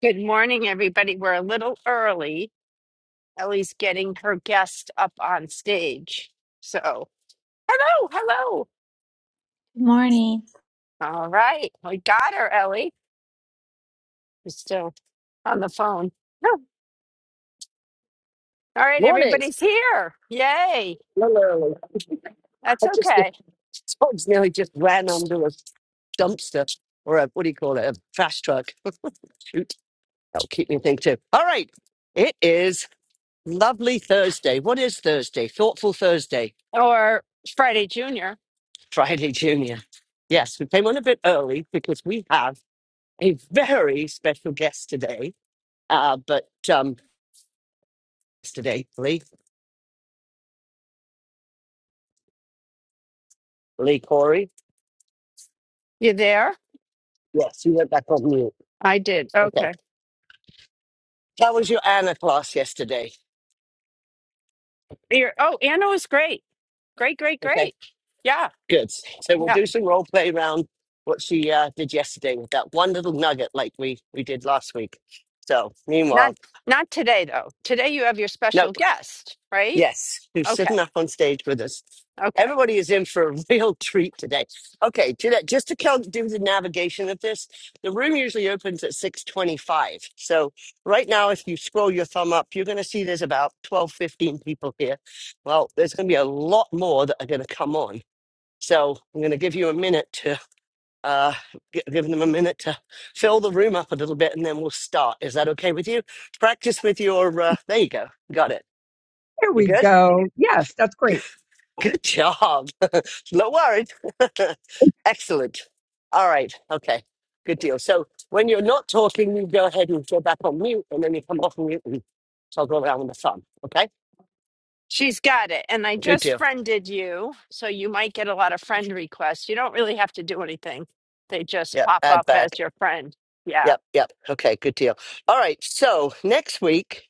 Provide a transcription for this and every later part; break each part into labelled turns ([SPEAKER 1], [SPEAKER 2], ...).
[SPEAKER 1] Good morning, everybody. We're a little early. Ellie's getting her guest up on stage. So, hello, hello.
[SPEAKER 2] Good morning.
[SPEAKER 1] All right. We got her, Ellie. She's still on the phone. No. All right,
[SPEAKER 3] Morning.
[SPEAKER 1] everybody's here. Yay.
[SPEAKER 3] Literally, I
[SPEAKER 1] That's
[SPEAKER 3] just
[SPEAKER 1] okay.
[SPEAKER 3] Tom's nearly just ran under a dumpster or a what do you call it, a trash truck. Shoot, that'll keep me thinking too. All right, it is lovely Thursday. What is Thursday? Thoughtful Thursday.
[SPEAKER 1] Or Friday Junior.
[SPEAKER 3] Friday Junior. Yes, we came on a bit early because we have a very special guest today. Uh, but um, today, Lee, Lee Corey.
[SPEAKER 1] You there?
[SPEAKER 3] Yes, you went back on mute.
[SPEAKER 1] I did.
[SPEAKER 3] Okay.
[SPEAKER 1] Okay.
[SPEAKER 3] How was your Anna class yesterday?
[SPEAKER 1] You're, oh, Anna was great. Great, great,
[SPEAKER 3] Okay.
[SPEAKER 1] great. Yeah.
[SPEAKER 3] Good. So we'll
[SPEAKER 1] Yeah.
[SPEAKER 3] do some role play around what she uh, did yesterday with that one little nugget, like we we did last week. So meanwhile,
[SPEAKER 1] Not not today though. Today you have your
[SPEAKER 3] no,
[SPEAKER 1] special guest, right?
[SPEAKER 3] yes, who's
[SPEAKER 1] Okay.
[SPEAKER 3] sitting up on stage with us?
[SPEAKER 1] Okay.
[SPEAKER 3] Everybody is in for a real treat today. Okay, Jeanette, just to cal- do the navigation of this, the room usually opens at 6.25. So right now, if you scroll your thumb up, you're going to see there's about 12 15 people here. Well, there's going to be a lot more that are going to come on. So I'm going to give you a minute to. uh, gi- giving them a minute to fill the room up a little bit, and then we'll start. Is that okay with you? Practice with your. Uh, there you go. Got it.
[SPEAKER 4] There
[SPEAKER 3] You
[SPEAKER 4] we
[SPEAKER 3] good?
[SPEAKER 4] go. Yes, that's great.
[SPEAKER 3] Good job. Not worried. Excellent. All right. Okay. Good deal. So when you're not talking, you go ahead and go back on mute, and then you come off mute and toggle around with the fun. Okay.
[SPEAKER 1] She's got it. And I
[SPEAKER 3] Good
[SPEAKER 1] just
[SPEAKER 3] deal.
[SPEAKER 1] friended you, so you might get a lot of friend requests. You don't really have to do anything. They just
[SPEAKER 3] Yeah.
[SPEAKER 1] pop
[SPEAKER 3] Add
[SPEAKER 1] up
[SPEAKER 3] back.
[SPEAKER 1] as your friend. Yeah.
[SPEAKER 3] Yep, yep. Okay, good deal. All right, so next week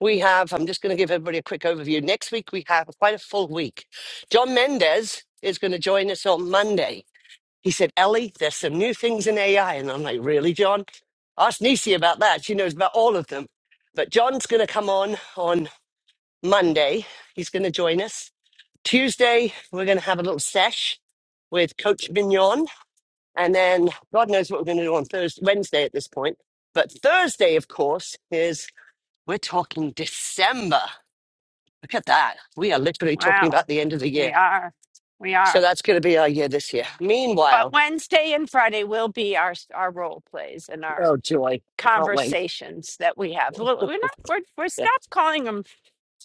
[SPEAKER 3] we have, I'm just going to give everybody a quick overview. Next week we have quite a full week. John Mendez is going to join us on Monday. He said, Ellie, there's some new things in AI. And I'm like, really, John? Ask Nisi about that. She knows about all of them. But John's going to come on on Monday. He's going to join us. Tuesday, we're going to have a little sesh with Coach Mignon and then God knows what we're going to do on Thursday, Wednesday at this point. But Thursday, of course, is we're talking December. Look at that. We are literally talking
[SPEAKER 1] Wow.
[SPEAKER 3] about the end of the year.
[SPEAKER 1] We are. We
[SPEAKER 3] So
[SPEAKER 1] are.
[SPEAKER 3] that's going to be our year this year.
[SPEAKER 1] But
[SPEAKER 3] Meanwhile,
[SPEAKER 1] Wednesday and Friday will be our our role plays and our
[SPEAKER 3] oh, joy. I can't wait.
[SPEAKER 1] conversations that we have. Well, We're not we're we're
[SPEAKER 3] Yeah.
[SPEAKER 1] stop calling them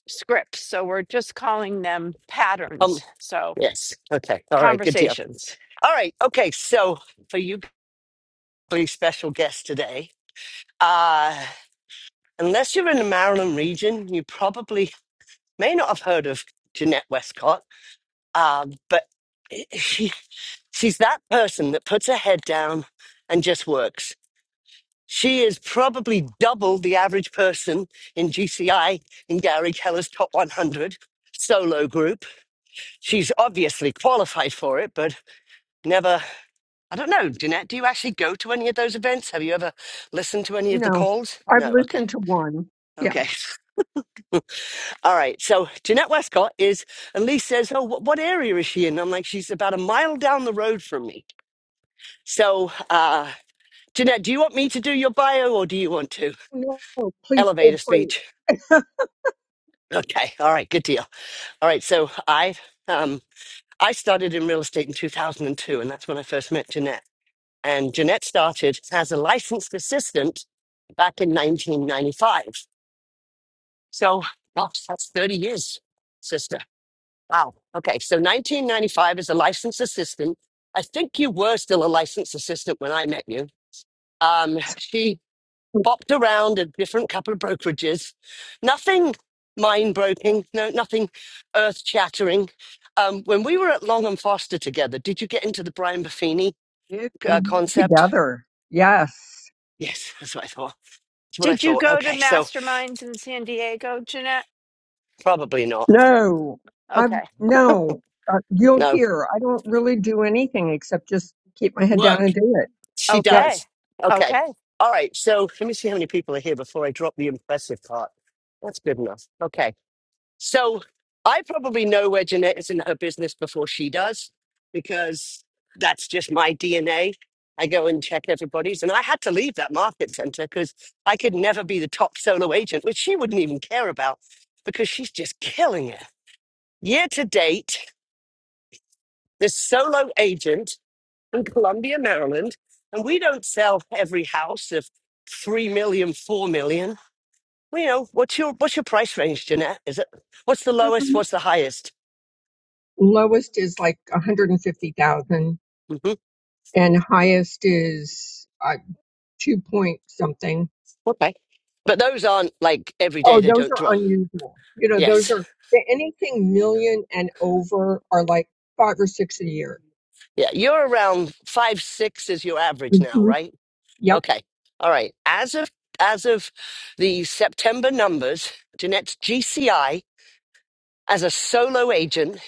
[SPEAKER 1] scripts, so we're just calling them patterns.
[SPEAKER 3] Um,
[SPEAKER 1] So
[SPEAKER 3] yes. Okay. All right. Good deal.
[SPEAKER 1] conversations.
[SPEAKER 3] All right. Okay. So for you, really special guest today, uh, unless you're in the Maryland region, you probably may not have heard of Jeanette Westcott, um, but. She's that person that puts her head down and just works. She is probably double the average person in GCI in Gary Keller's top 100 solo group. She's obviously qualified for it, but never. I don't know, Jeanette, do you actually go to any of those events? Have you ever listened to any of the
[SPEAKER 4] No,
[SPEAKER 3] calls?
[SPEAKER 4] I've
[SPEAKER 3] No, okay.
[SPEAKER 4] listened to one. Yeah.
[SPEAKER 3] Okay. All right. So Jeanette Westcott is, and Lee says, Oh, wh- what area is she in? I'm like, She's about a mile down the road from me. So, uh, Jeanette, do you want me to do your bio or do you want to?
[SPEAKER 4] No, please feel
[SPEAKER 3] Elevator
[SPEAKER 4] free.
[SPEAKER 3] speech. Okay. All right. Good deal. All right. So I, um, I started in real estate in 2002, and two, and that's when I first met Jeanette. And Jeanette started as a licensed assistant back in 1995. So, gosh, that's 30 years, sister. Wow. Okay. So 1995 as a licensed assistant. I think you were still a licensed assistant when I met you. Um, she bopped around a different couple of brokerages. Nothing mind broken, no, nothing earth shattering. Um, when we were at Long and Foster together, did you get into the Brian Buffini
[SPEAKER 4] It-
[SPEAKER 3] uh, concept?
[SPEAKER 4] together. Yes.
[SPEAKER 3] Yes, that's what I thought. That's what I
[SPEAKER 1] Did you
[SPEAKER 3] thought.
[SPEAKER 1] go to
[SPEAKER 3] Okay, so
[SPEAKER 1] masterminds in San Diego, Jeanette?
[SPEAKER 3] probably not.
[SPEAKER 4] No, I
[SPEAKER 1] Okay.
[SPEAKER 4] no. Uh, you'll
[SPEAKER 3] No,
[SPEAKER 4] hear. I don't really do anything except just keep my head down
[SPEAKER 3] work.
[SPEAKER 4] and do it.
[SPEAKER 3] She
[SPEAKER 4] Yep.
[SPEAKER 1] Okay.
[SPEAKER 3] does. Okay.
[SPEAKER 1] Okay.
[SPEAKER 3] All right. So let me see how many people are here before I drop the impressive part. That's good enough. Okay. So I probably know where Jeanette is in her business before she does, because that's just my DNA. I go and check everybody's. And I had to leave that market center because I could never be the top solo agent, which she wouldn't even care about because she's just killing it. Year to date, this solo agent in Columbia, Maryland, and we don't sell every house of three million, four million. 4 million. Well, you know, what's your, what's your price range, Jeanette? Is it, what's the lowest?
[SPEAKER 4] Mhm.
[SPEAKER 3] What's the highest?
[SPEAKER 4] Lowest is like 150,000
[SPEAKER 3] hmm
[SPEAKER 4] and highest is uh, 2 point something.
[SPEAKER 3] Okay. But those aren't like every day
[SPEAKER 4] Oh,
[SPEAKER 3] they
[SPEAKER 4] those
[SPEAKER 3] don't draw.
[SPEAKER 4] are unusual. You know, those
[SPEAKER 3] Yes.
[SPEAKER 4] are anything million and over are like five or six a year.
[SPEAKER 3] Yeah. You're around five, six is your average now,
[SPEAKER 4] hmm
[SPEAKER 3] right?
[SPEAKER 4] Yep.
[SPEAKER 3] Okay. All right. As of as of the September numbers, Jeanette's GCI as a solo agent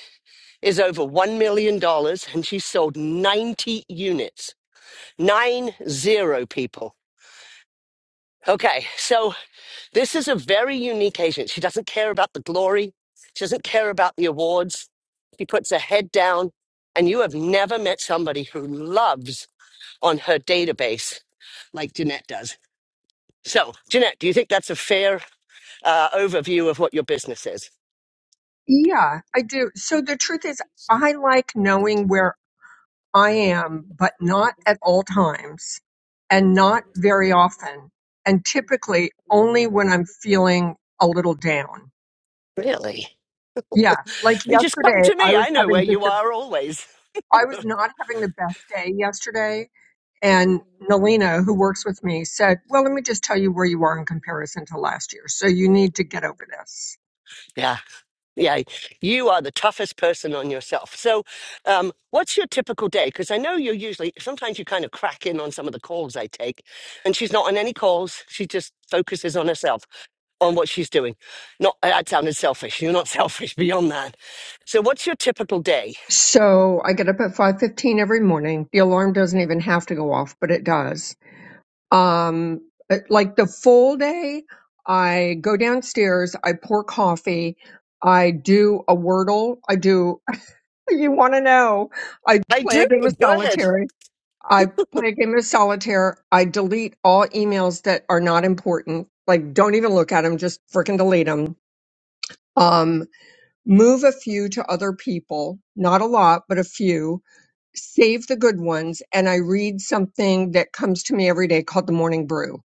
[SPEAKER 3] is over one million dollars and she sold ninety units. Nine zero people. Okay. So This is a very unique Asian. She doesn't care about the glory. She doesn't care about the awards. She puts her head down. And you have never met somebody who loves on her database like Jeanette does. So, Jeanette, do you think that's a fair uh, overview of what your business is?
[SPEAKER 4] Yeah, I do. So the truth is, I like knowing where I am, but not at all times and not very often. And typically only when I'm feeling a little down.
[SPEAKER 3] Really?
[SPEAKER 4] Yeah. Like
[SPEAKER 3] You just come
[SPEAKER 4] yesterday,
[SPEAKER 3] to
[SPEAKER 4] I
[SPEAKER 3] me.
[SPEAKER 4] was
[SPEAKER 3] I know where
[SPEAKER 4] having just
[SPEAKER 3] you
[SPEAKER 4] a,
[SPEAKER 3] are always.
[SPEAKER 4] I was not having the best day yesterday And Nalina, who works with me, said, Well, let me just tell you where you are in comparison to last year. So you need to get over this.
[SPEAKER 3] Yeah. Yeah, you are the toughest person on yourself. So, um, what's your typical day? Because I know you're usually, sometimes you kind of crack in on some of the calls I take, and she's not on any calls. She just focuses on herself, on what she's doing. Not that sounded selfish. You're not selfish beyond that. So, what's your typical day?
[SPEAKER 4] So I get up at 5:15 every morning. The alarm doesn't even have to go off, but it does. Um it- like the full day, I go downstairs, I pour coffee, I do a wordle, I do you want to know, I
[SPEAKER 3] I
[SPEAKER 4] play a
[SPEAKER 3] do.
[SPEAKER 4] game of
[SPEAKER 3] Go ahead.
[SPEAKER 4] solitaire, I play a game of solitaire. I delete all emails that are not important. Like, don't even look at them. Just freaking delete them. Um, move a few to other people. Not a lot, but a few. Save the good ones. And I read something that comes to me every day called the morning brew.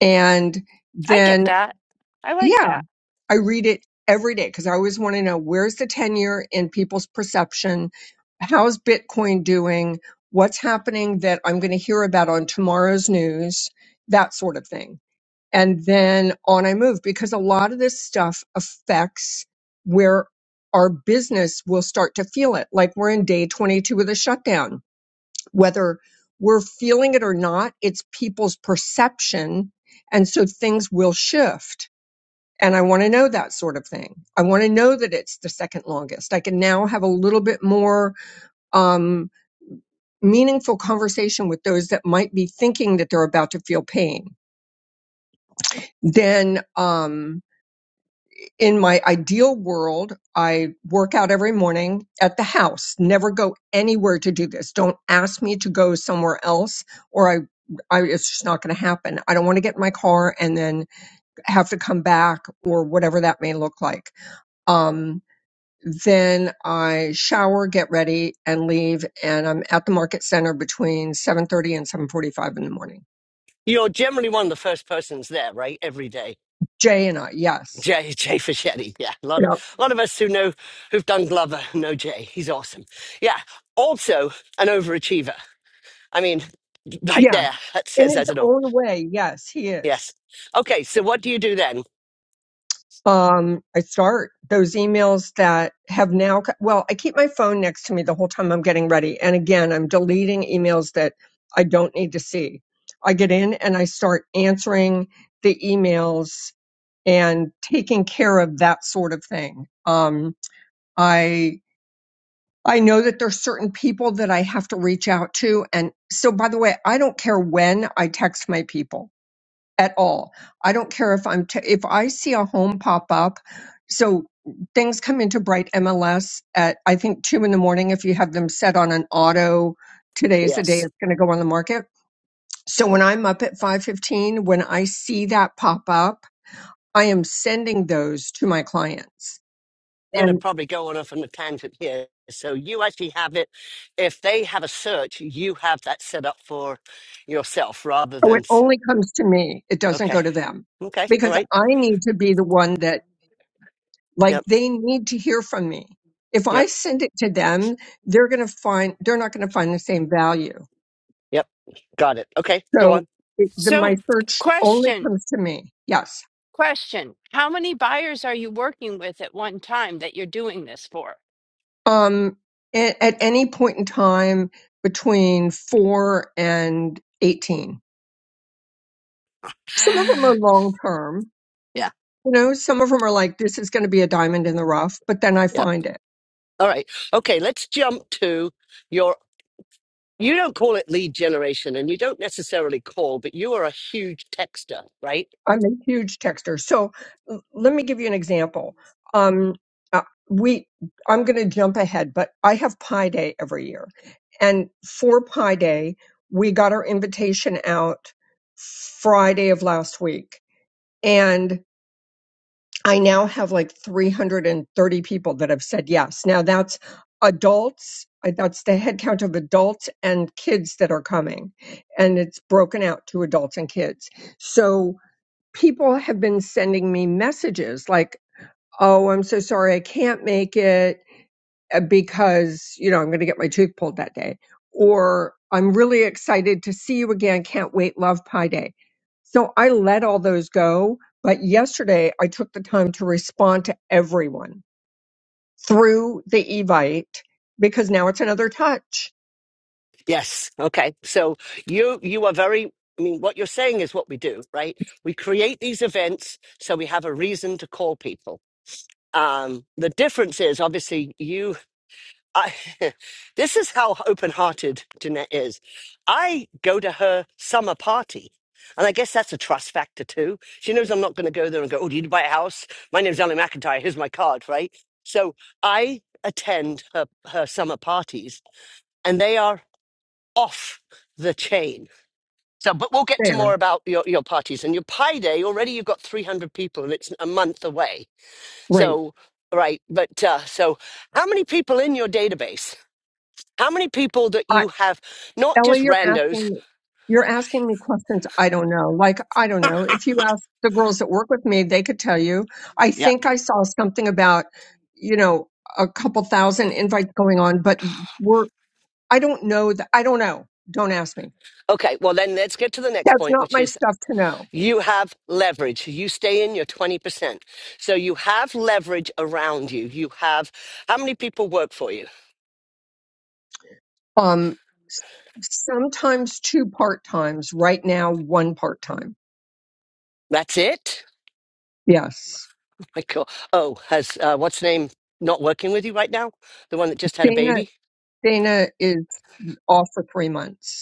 [SPEAKER 4] And
[SPEAKER 1] I get
[SPEAKER 4] then,
[SPEAKER 1] that. I like
[SPEAKER 4] yeah.
[SPEAKER 1] that.
[SPEAKER 4] I read it every day because I always want to know where's the tenure in people's perception? How's Bitcoin doing? What's happening that I'm going to hear about on tomorrow's news? That sort of thing. And then on I move because a lot of this stuff affects where our business will start to feel it. Like we're in day 22 of the shutdown. Whether we're feeling it or not, it's people's perception. And so things will shift and I want to know that sort of thing. I want to know that it's the second longest. I can now have a little bit more um, meaningful conversation with those that might be thinking that they're about to feel pain. Then, um, in my ideal world, I work out every morning at the house. Never go anywhere to do this. Don't ask me to go somewhere else, or I, I it's just not going to happen. I don't want to get in my car and then have to come back or whatever that may look like. Um, Then I shower, get ready, and leave. And I'm at the market center between 7:30 and 7:45 in the morning.
[SPEAKER 3] You're generally one of the first persons there, right? Every day.
[SPEAKER 4] Jay and I, yes,
[SPEAKER 3] Jay, Jay Fischetti. Yeah, a
[SPEAKER 4] you
[SPEAKER 3] lot, of,
[SPEAKER 4] know,
[SPEAKER 3] a lot of us who know, who've done Glover know Jay. He's awesome. Yeah, also an overachiever. I mean, right
[SPEAKER 4] yeah,
[SPEAKER 3] there, that
[SPEAKER 4] in
[SPEAKER 3] says
[SPEAKER 4] his
[SPEAKER 3] as it all.
[SPEAKER 4] own way, yes, he
[SPEAKER 3] Yes.
[SPEAKER 4] is.
[SPEAKER 3] Okay, so what do you do then?
[SPEAKER 4] Um, I start those emails that have now. co- Well, I keep my phone next to me the whole time I'm getting ready, and again, I'm deleting emails that I don't need to see. I get in and I start answering the emails and taking care of that sort of thing. Um, I I know that there's certain people that I have to reach out to and so by the way, I don't care when I text my people at all. I don't care if I'm t- if I see a home pop up. So things come into Bright MLS at I think 2 in the morning if you have them set on an auto today's the day
[SPEAKER 3] Yes.
[SPEAKER 4] it's going to go on the market. So when I'm up at 5:15 when I see that pop up, I am sending those to my clients
[SPEAKER 3] I'm going to probably go on off on a tangent here. So you actually have it. If they have a search, you have that set up for yourself rather
[SPEAKER 4] Oh,
[SPEAKER 3] than.
[SPEAKER 4] it
[SPEAKER 3] s-
[SPEAKER 4] only comes to me. It doesn't
[SPEAKER 3] Okay.
[SPEAKER 4] go to them
[SPEAKER 3] Okay. All
[SPEAKER 4] because
[SPEAKER 3] right.
[SPEAKER 4] I need to be the one that, like,
[SPEAKER 3] Yep.
[SPEAKER 4] they need to hear from me. If I
[SPEAKER 3] Yep.
[SPEAKER 4] send it to them, they're going to find, they're not going to find the same value.
[SPEAKER 3] Yep. Got it. Okay. Go
[SPEAKER 4] So
[SPEAKER 3] on.
[SPEAKER 4] it, the, my
[SPEAKER 1] So,
[SPEAKER 4] search only
[SPEAKER 1] question,
[SPEAKER 4] comes to me. Yes.
[SPEAKER 1] question. How many buyers are you working with at one time that you're doing this for?
[SPEAKER 4] Um, at, at any point in time between four and 18. Some of them are long term.
[SPEAKER 3] Yeah.
[SPEAKER 4] You know, some of them are like, this is going to be a diamond in the rough, but then I
[SPEAKER 3] Yep.
[SPEAKER 4] find it
[SPEAKER 3] All right. Okay, let's jump to your you don't call it lead generation and you don't necessarily call, but you are a huge texter, right?
[SPEAKER 4] I'm a huge texter. So l- let me give you an example. Um, uh, we, I'm going to jump ahead, but I have Pi Day every year, and for Pi Day, we got our invitation out Friday of last week, and I now have like 330 people that have said yes. Now that's adults. uh, That's the headcount of adults and kids that are coming, and it's broken out to adults and kids. So people have been sending me messages like, oh, I'm so sorry I can't make it uh, because, you know, I'm going to get my tooth pulled that day. Or I'm really excited to see you again. Can't wait. Love Pi Day. So I let all those go. But yesterday I took the time to respond to everyone through the Evite because now it's another touch
[SPEAKER 3] Yes. Okay. So you you are very I mean what you're saying is what we do, right? We create these events so we have a reason to call people. Um the difference is obviously you I, this is how open hearted Jeanette is. I go to her summer party. And I guess that's a trust factor too. She knows I'm not going to go there and go, oh, do you need to buy a house? My name's Ellen McIntyre. Here's my card, right? So I attend her, her summer parties and they are off the chain. So, but we'll get to
[SPEAKER 4] there.
[SPEAKER 3] more about your, your parties and your pie day. Already you've got 300 people and it's a month away.
[SPEAKER 4] Great.
[SPEAKER 3] So, right. But uh, so how many people in your database? How many people that you have, not
[SPEAKER 4] Ellie,
[SPEAKER 3] just
[SPEAKER 4] you're asking
[SPEAKER 3] randos?
[SPEAKER 4] me, you're asking me questions I don't know. Like, I don't know. If you ask the girls that work with me, they could tell you. I
[SPEAKER 3] Yeah.
[SPEAKER 4] think I saw something about, you know, a couple thousand invites going on, but we're, I don't know that. I don't know. Don't ask me.
[SPEAKER 3] Okay. Well, then let's get to the next
[SPEAKER 4] That's
[SPEAKER 3] point,
[SPEAKER 4] not
[SPEAKER 3] which
[SPEAKER 4] my
[SPEAKER 3] is
[SPEAKER 4] stuff to know.
[SPEAKER 3] you have leverage. You stay in your 20%. So you have leverage around you. You have, how many people work for you?
[SPEAKER 4] Um, s- sometimes two part times. Right now, one part time.
[SPEAKER 3] That's it?
[SPEAKER 4] Yes.
[SPEAKER 3] Oh my God. Oh, has, uh, what's the name not working with you right now? The one that just had a
[SPEAKER 4] Dana,
[SPEAKER 3] baby?
[SPEAKER 4] Dana is off for three months.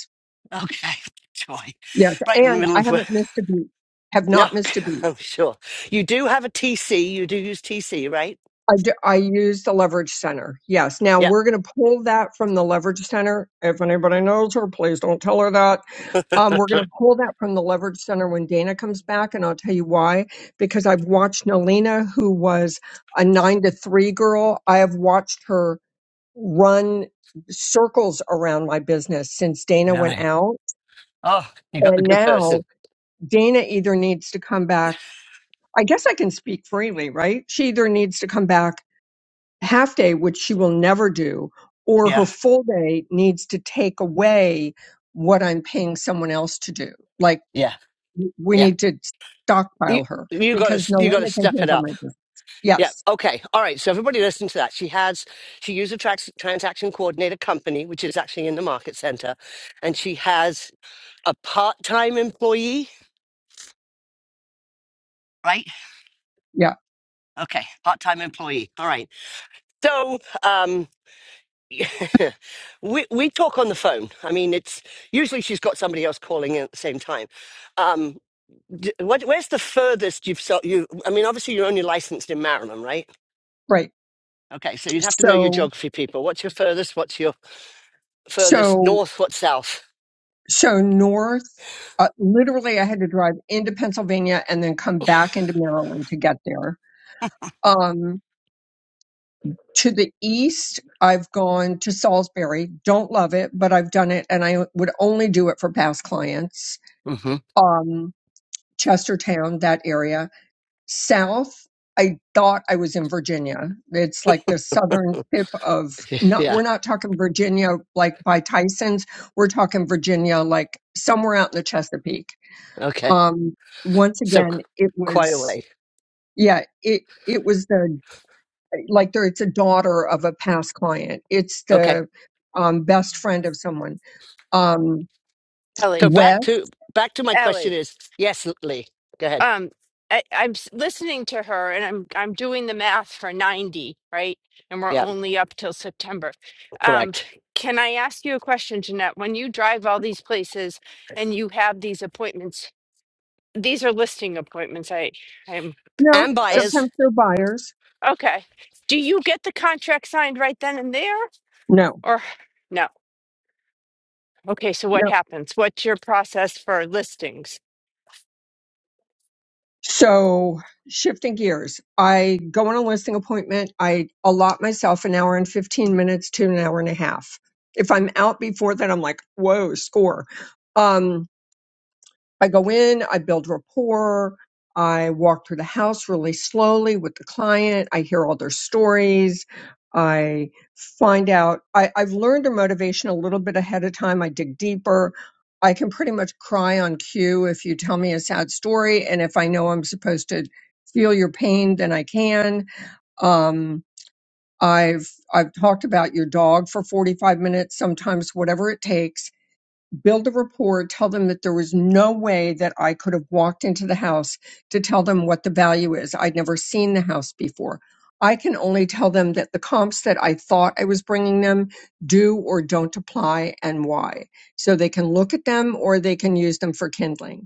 [SPEAKER 3] Okay. Joy.
[SPEAKER 4] Yes,
[SPEAKER 3] Right in the
[SPEAKER 4] and
[SPEAKER 3] middle
[SPEAKER 4] I
[SPEAKER 3] of, wo-
[SPEAKER 4] haven't missed a beat. Have
[SPEAKER 3] no,
[SPEAKER 4] not missed a beat.
[SPEAKER 3] I'm sure. You do have a TC. You do use TC, right?
[SPEAKER 4] I d- I use the leverage center. Yes. Now
[SPEAKER 3] Yep.
[SPEAKER 4] we're going to pull that from the leverage center. If anybody knows her, please don't tell her that. Um,
[SPEAKER 3] All
[SPEAKER 4] we're going to pull that from the leverage center when Dana comes back, and I'll tell you why. Because I've watched Nalina, who was a nine to three girl, I have watched her run circles around my business since Dana
[SPEAKER 3] right.
[SPEAKER 4] went out,
[SPEAKER 3] Oh, you got the
[SPEAKER 4] and
[SPEAKER 3] good
[SPEAKER 4] now
[SPEAKER 3] person.
[SPEAKER 4] Dana either needs to come back I guess I can speak freely, right? She either needs to come back half day, which she will never do, or
[SPEAKER 3] Yeah.
[SPEAKER 4] her full day needs to take away what I'm paying someone else to do. Like
[SPEAKER 3] Yeah,
[SPEAKER 4] w- we
[SPEAKER 3] yeah.
[SPEAKER 4] need to
[SPEAKER 3] You
[SPEAKER 4] stockpile her
[SPEAKER 3] you got
[SPEAKER 4] because
[SPEAKER 3] to you got to
[SPEAKER 4] Nolena can
[SPEAKER 3] step it
[SPEAKER 4] handle
[SPEAKER 3] up.
[SPEAKER 4] my business.
[SPEAKER 3] Yeah.
[SPEAKER 4] Yes.
[SPEAKER 3] Okay. All right. So everybody listen to that. She has she used a trans- transaction coordinator company, which is actually in the market center, and she has a part time employee. Right.
[SPEAKER 4] Yeah.
[SPEAKER 3] Okay. Part time employee. All right. So um. we we talk on the phone. I mean, it's usually she's got somebody else calling in at the same time. Um, D- What, where's the furthest you've so you? I mean, obviously you're only licensed in Maryland, right?
[SPEAKER 4] Right.
[SPEAKER 3] Okay, so you'd have to know your
[SPEAKER 4] So,
[SPEAKER 3] geography, people. What's your furthest? What's your furthest
[SPEAKER 4] so,
[SPEAKER 3] north? What's south?
[SPEAKER 4] so north, uh, literally I had to drive into Pennsylvania and then come back into Maryland to get there. Um. To the east, I've gone to Salisbury. Don't love it, but I've done it and I would only do it for past clients.
[SPEAKER 3] hmm
[SPEAKER 4] Um, Chestertown, that area. South, I thought I was in Virginia. It's like the southern tip of not,
[SPEAKER 3] Yeah.
[SPEAKER 4] we're not talking Virginia like by Tyson's. We're talking Virginia like somewhere out in the Chesapeake.
[SPEAKER 3] Okay.
[SPEAKER 4] Um, once
[SPEAKER 3] So c-
[SPEAKER 4] again, it
[SPEAKER 3] quite a
[SPEAKER 4] was,
[SPEAKER 3] way.
[SPEAKER 4] yeah, it, it was the like there it's a daughter of a past client it's
[SPEAKER 3] Okay.
[SPEAKER 4] the um, best friend of someone um
[SPEAKER 3] So
[SPEAKER 1] Ellie,
[SPEAKER 3] back
[SPEAKER 4] wes
[SPEAKER 3] to back to my question
[SPEAKER 1] Ellie.
[SPEAKER 3] is yes, Lee. Go ahead.
[SPEAKER 1] Um I, I'm s- listening to her and I'm I'm doing the math for 90, right? And we're
[SPEAKER 3] Yeah,
[SPEAKER 1] only up till September. Um
[SPEAKER 3] correct.
[SPEAKER 1] can I ask you a question, Jeanette? When you drive all these places and you have these appointments, these are listing appointments. I I'm
[SPEAKER 4] no
[SPEAKER 3] And buyers,
[SPEAKER 4] sometimes they're buyers
[SPEAKER 1] Okay. Do you get the contract signed right then and there
[SPEAKER 4] no
[SPEAKER 1] or no? Okay, so what
[SPEAKER 4] no
[SPEAKER 1] happens? What's your process for listings?
[SPEAKER 4] so shifting gears i go on a listing appointment i allot myself an hour and 15 minutes to an hour and a half if i'm out before that, i'm like whoa score um I go in, I build rapport, I walk through the house really slowly with the client, I hear all their stories, I find out, I, I've learned their motivation a little bit ahead of time, I dig deeper. I can pretty much cry on cue if you tell me a sad story, and if I know I'm supposed to feel your pain, then I can. Um, I've I've talked about your dog for 45 minutes, sometimes whatever it takes build a rapport, tell them that there was no way that I could have walked into the house to tell them what the value is. I'd never seen the house before. I can only tell them that the comps that I thought I was bringing them do or don't apply and why. So they can look at them or they can use them for kindling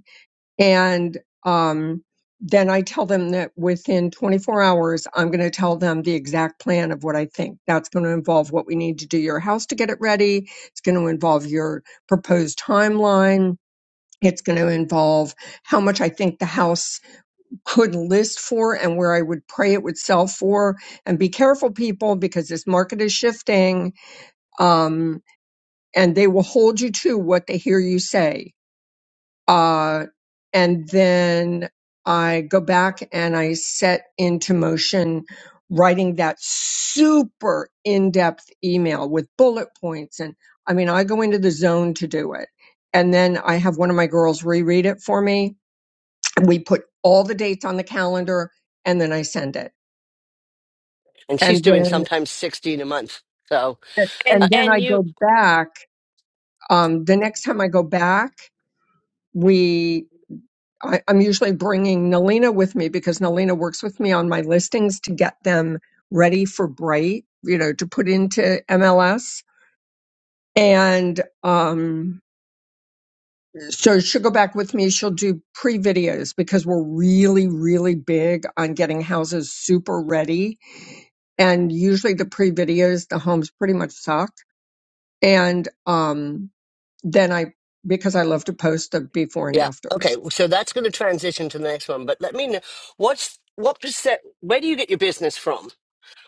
[SPEAKER 4] and um, then I tell them that within 24 hours, I'm going to tell them the exact plan of what I think. That's going to involve what we need to do your house to get it ready. It's going to involve your proposed timeline. It's going to involve how much I think the house could list for and where I would pray it would sell for. And be careful, people, because this market is shifting. Um, and they will hold you to what they hear you say uh, and then I go back and I set into motion writing that super in-depth email with bullet points. And I mean, I go into the zone to do it. And then I have one of my girls reread it for me. We put all the dates on the calendar and then I send it.
[SPEAKER 3] and she's
[SPEAKER 4] And
[SPEAKER 3] doing
[SPEAKER 4] then,
[SPEAKER 3] sometimes sixteen a month. So
[SPEAKER 1] And
[SPEAKER 3] uh,
[SPEAKER 4] and then I
[SPEAKER 1] and
[SPEAKER 4] go
[SPEAKER 1] you
[SPEAKER 4] back. Um, the next time I go back, we. I, I'm usually bringing Nalina with me because Nalina works with me on my listings to get them ready for Bright, you know, to put into MLS. And um, so she'll go back with me. She'll do pre videos because we're really, really big on getting houses super ready. And usually the pre videos, the homes pretty much suck. And um, then I, because I love to post the before and
[SPEAKER 3] yeah, okay.
[SPEAKER 4] afters,
[SPEAKER 3] So that's going to transition to the next one. But let me know what's what percent. Where do you get your business from?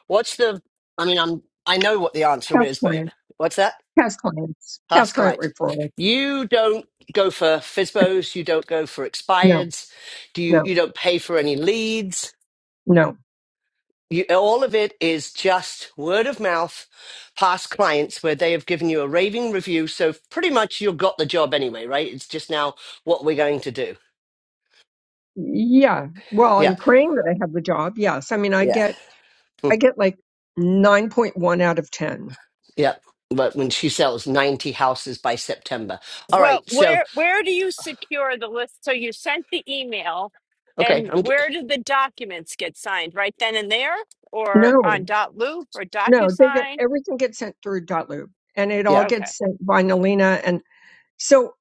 [SPEAKER 3] What's the? I mean, I'm. I know what the answer
[SPEAKER 4] past
[SPEAKER 3] is, but
[SPEAKER 4] clients,
[SPEAKER 3] what's that?
[SPEAKER 4] past clients,
[SPEAKER 3] Past
[SPEAKER 4] past client
[SPEAKER 3] clients.
[SPEAKER 4] referrals.
[SPEAKER 3] You don't go for FISBOs. You don't go for
[SPEAKER 4] No,
[SPEAKER 3] expireds. Do you?
[SPEAKER 4] no,
[SPEAKER 3] You don't pay for any leads.
[SPEAKER 4] no.
[SPEAKER 3] You, all of it is just word of mouth, past clients where they have given you a raving review. So pretty much you've got the job anyway, right? It's just now what we're going to do.
[SPEAKER 4] Yeah. Well, I'm
[SPEAKER 3] Yep.
[SPEAKER 4] praying that I have the job. Yes. I mean, I
[SPEAKER 3] Yeah.
[SPEAKER 4] get, I
[SPEAKER 3] Mm,
[SPEAKER 4] get like 9.1 out of 10.
[SPEAKER 3] Yep. But when she sells 90 houses by September. All
[SPEAKER 1] well,
[SPEAKER 3] right. So,
[SPEAKER 1] where where do you secure the list? So you sent the email
[SPEAKER 3] okay.
[SPEAKER 1] and
[SPEAKER 3] I'm, g-
[SPEAKER 1] where do the documents get signed? Right then and there or
[SPEAKER 4] No,
[SPEAKER 1] on dot loop or
[SPEAKER 4] no, they get,
[SPEAKER 1] DocuSign?
[SPEAKER 4] everything gets sent through Dotloop and it
[SPEAKER 3] yeah.
[SPEAKER 4] all
[SPEAKER 1] Okay.
[SPEAKER 4] gets sent by Nalina. And so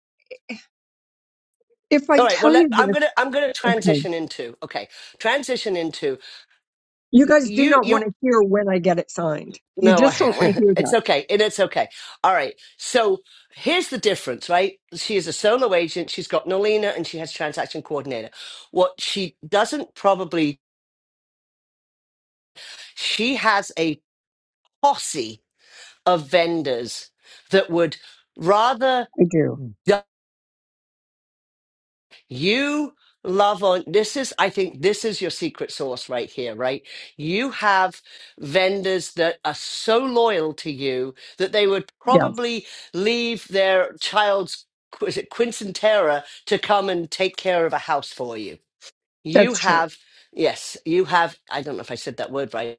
[SPEAKER 4] if I
[SPEAKER 3] All right. Well,
[SPEAKER 4] tell
[SPEAKER 3] let,
[SPEAKER 4] you
[SPEAKER 3] I'm
[SPEAKER 4] this,
[SPEAKER 3] gonna I'm gonna
[SPEAKER 4] okay,
[SPEAKER 3] transition into okay. Transition into
[SPEAKER 4] you
[SPEAKER 3] y-
[SPEAKER 4] guys do
[SPEAKER 3] you
[SPEAKER 4] not
[SPEAKER 3] you.
[SPEAKER 4] want to hear when I get it signed. You
[SPEAKER 3] No, I,
[SPEAKER 4] just don't want to hear
[SPEAKER 3] it's
[SPEAKER 4] that.
[SPEAKER 3] okay. And it's okay. All right. So here's the difference, right? She is a solo agent. She's got Nolina and she has transaction coordinator. What she doesn't probably, she has a posse of vendors that would rather
[SPEAKER 4] I do.
[SPEAKER 3] You love on this is I think this is your secret sauce right here, right? You have vendors that are so loyal to you that they would
[SPEAKER 4] Yes,
[SPEAKER 3] probably leave their child's is it Quinceanera to come and take care of a house for you. You
[SPEAKER 4] that's true.
[SPEAKER 3] have yes, you have I don't know if I said that word right.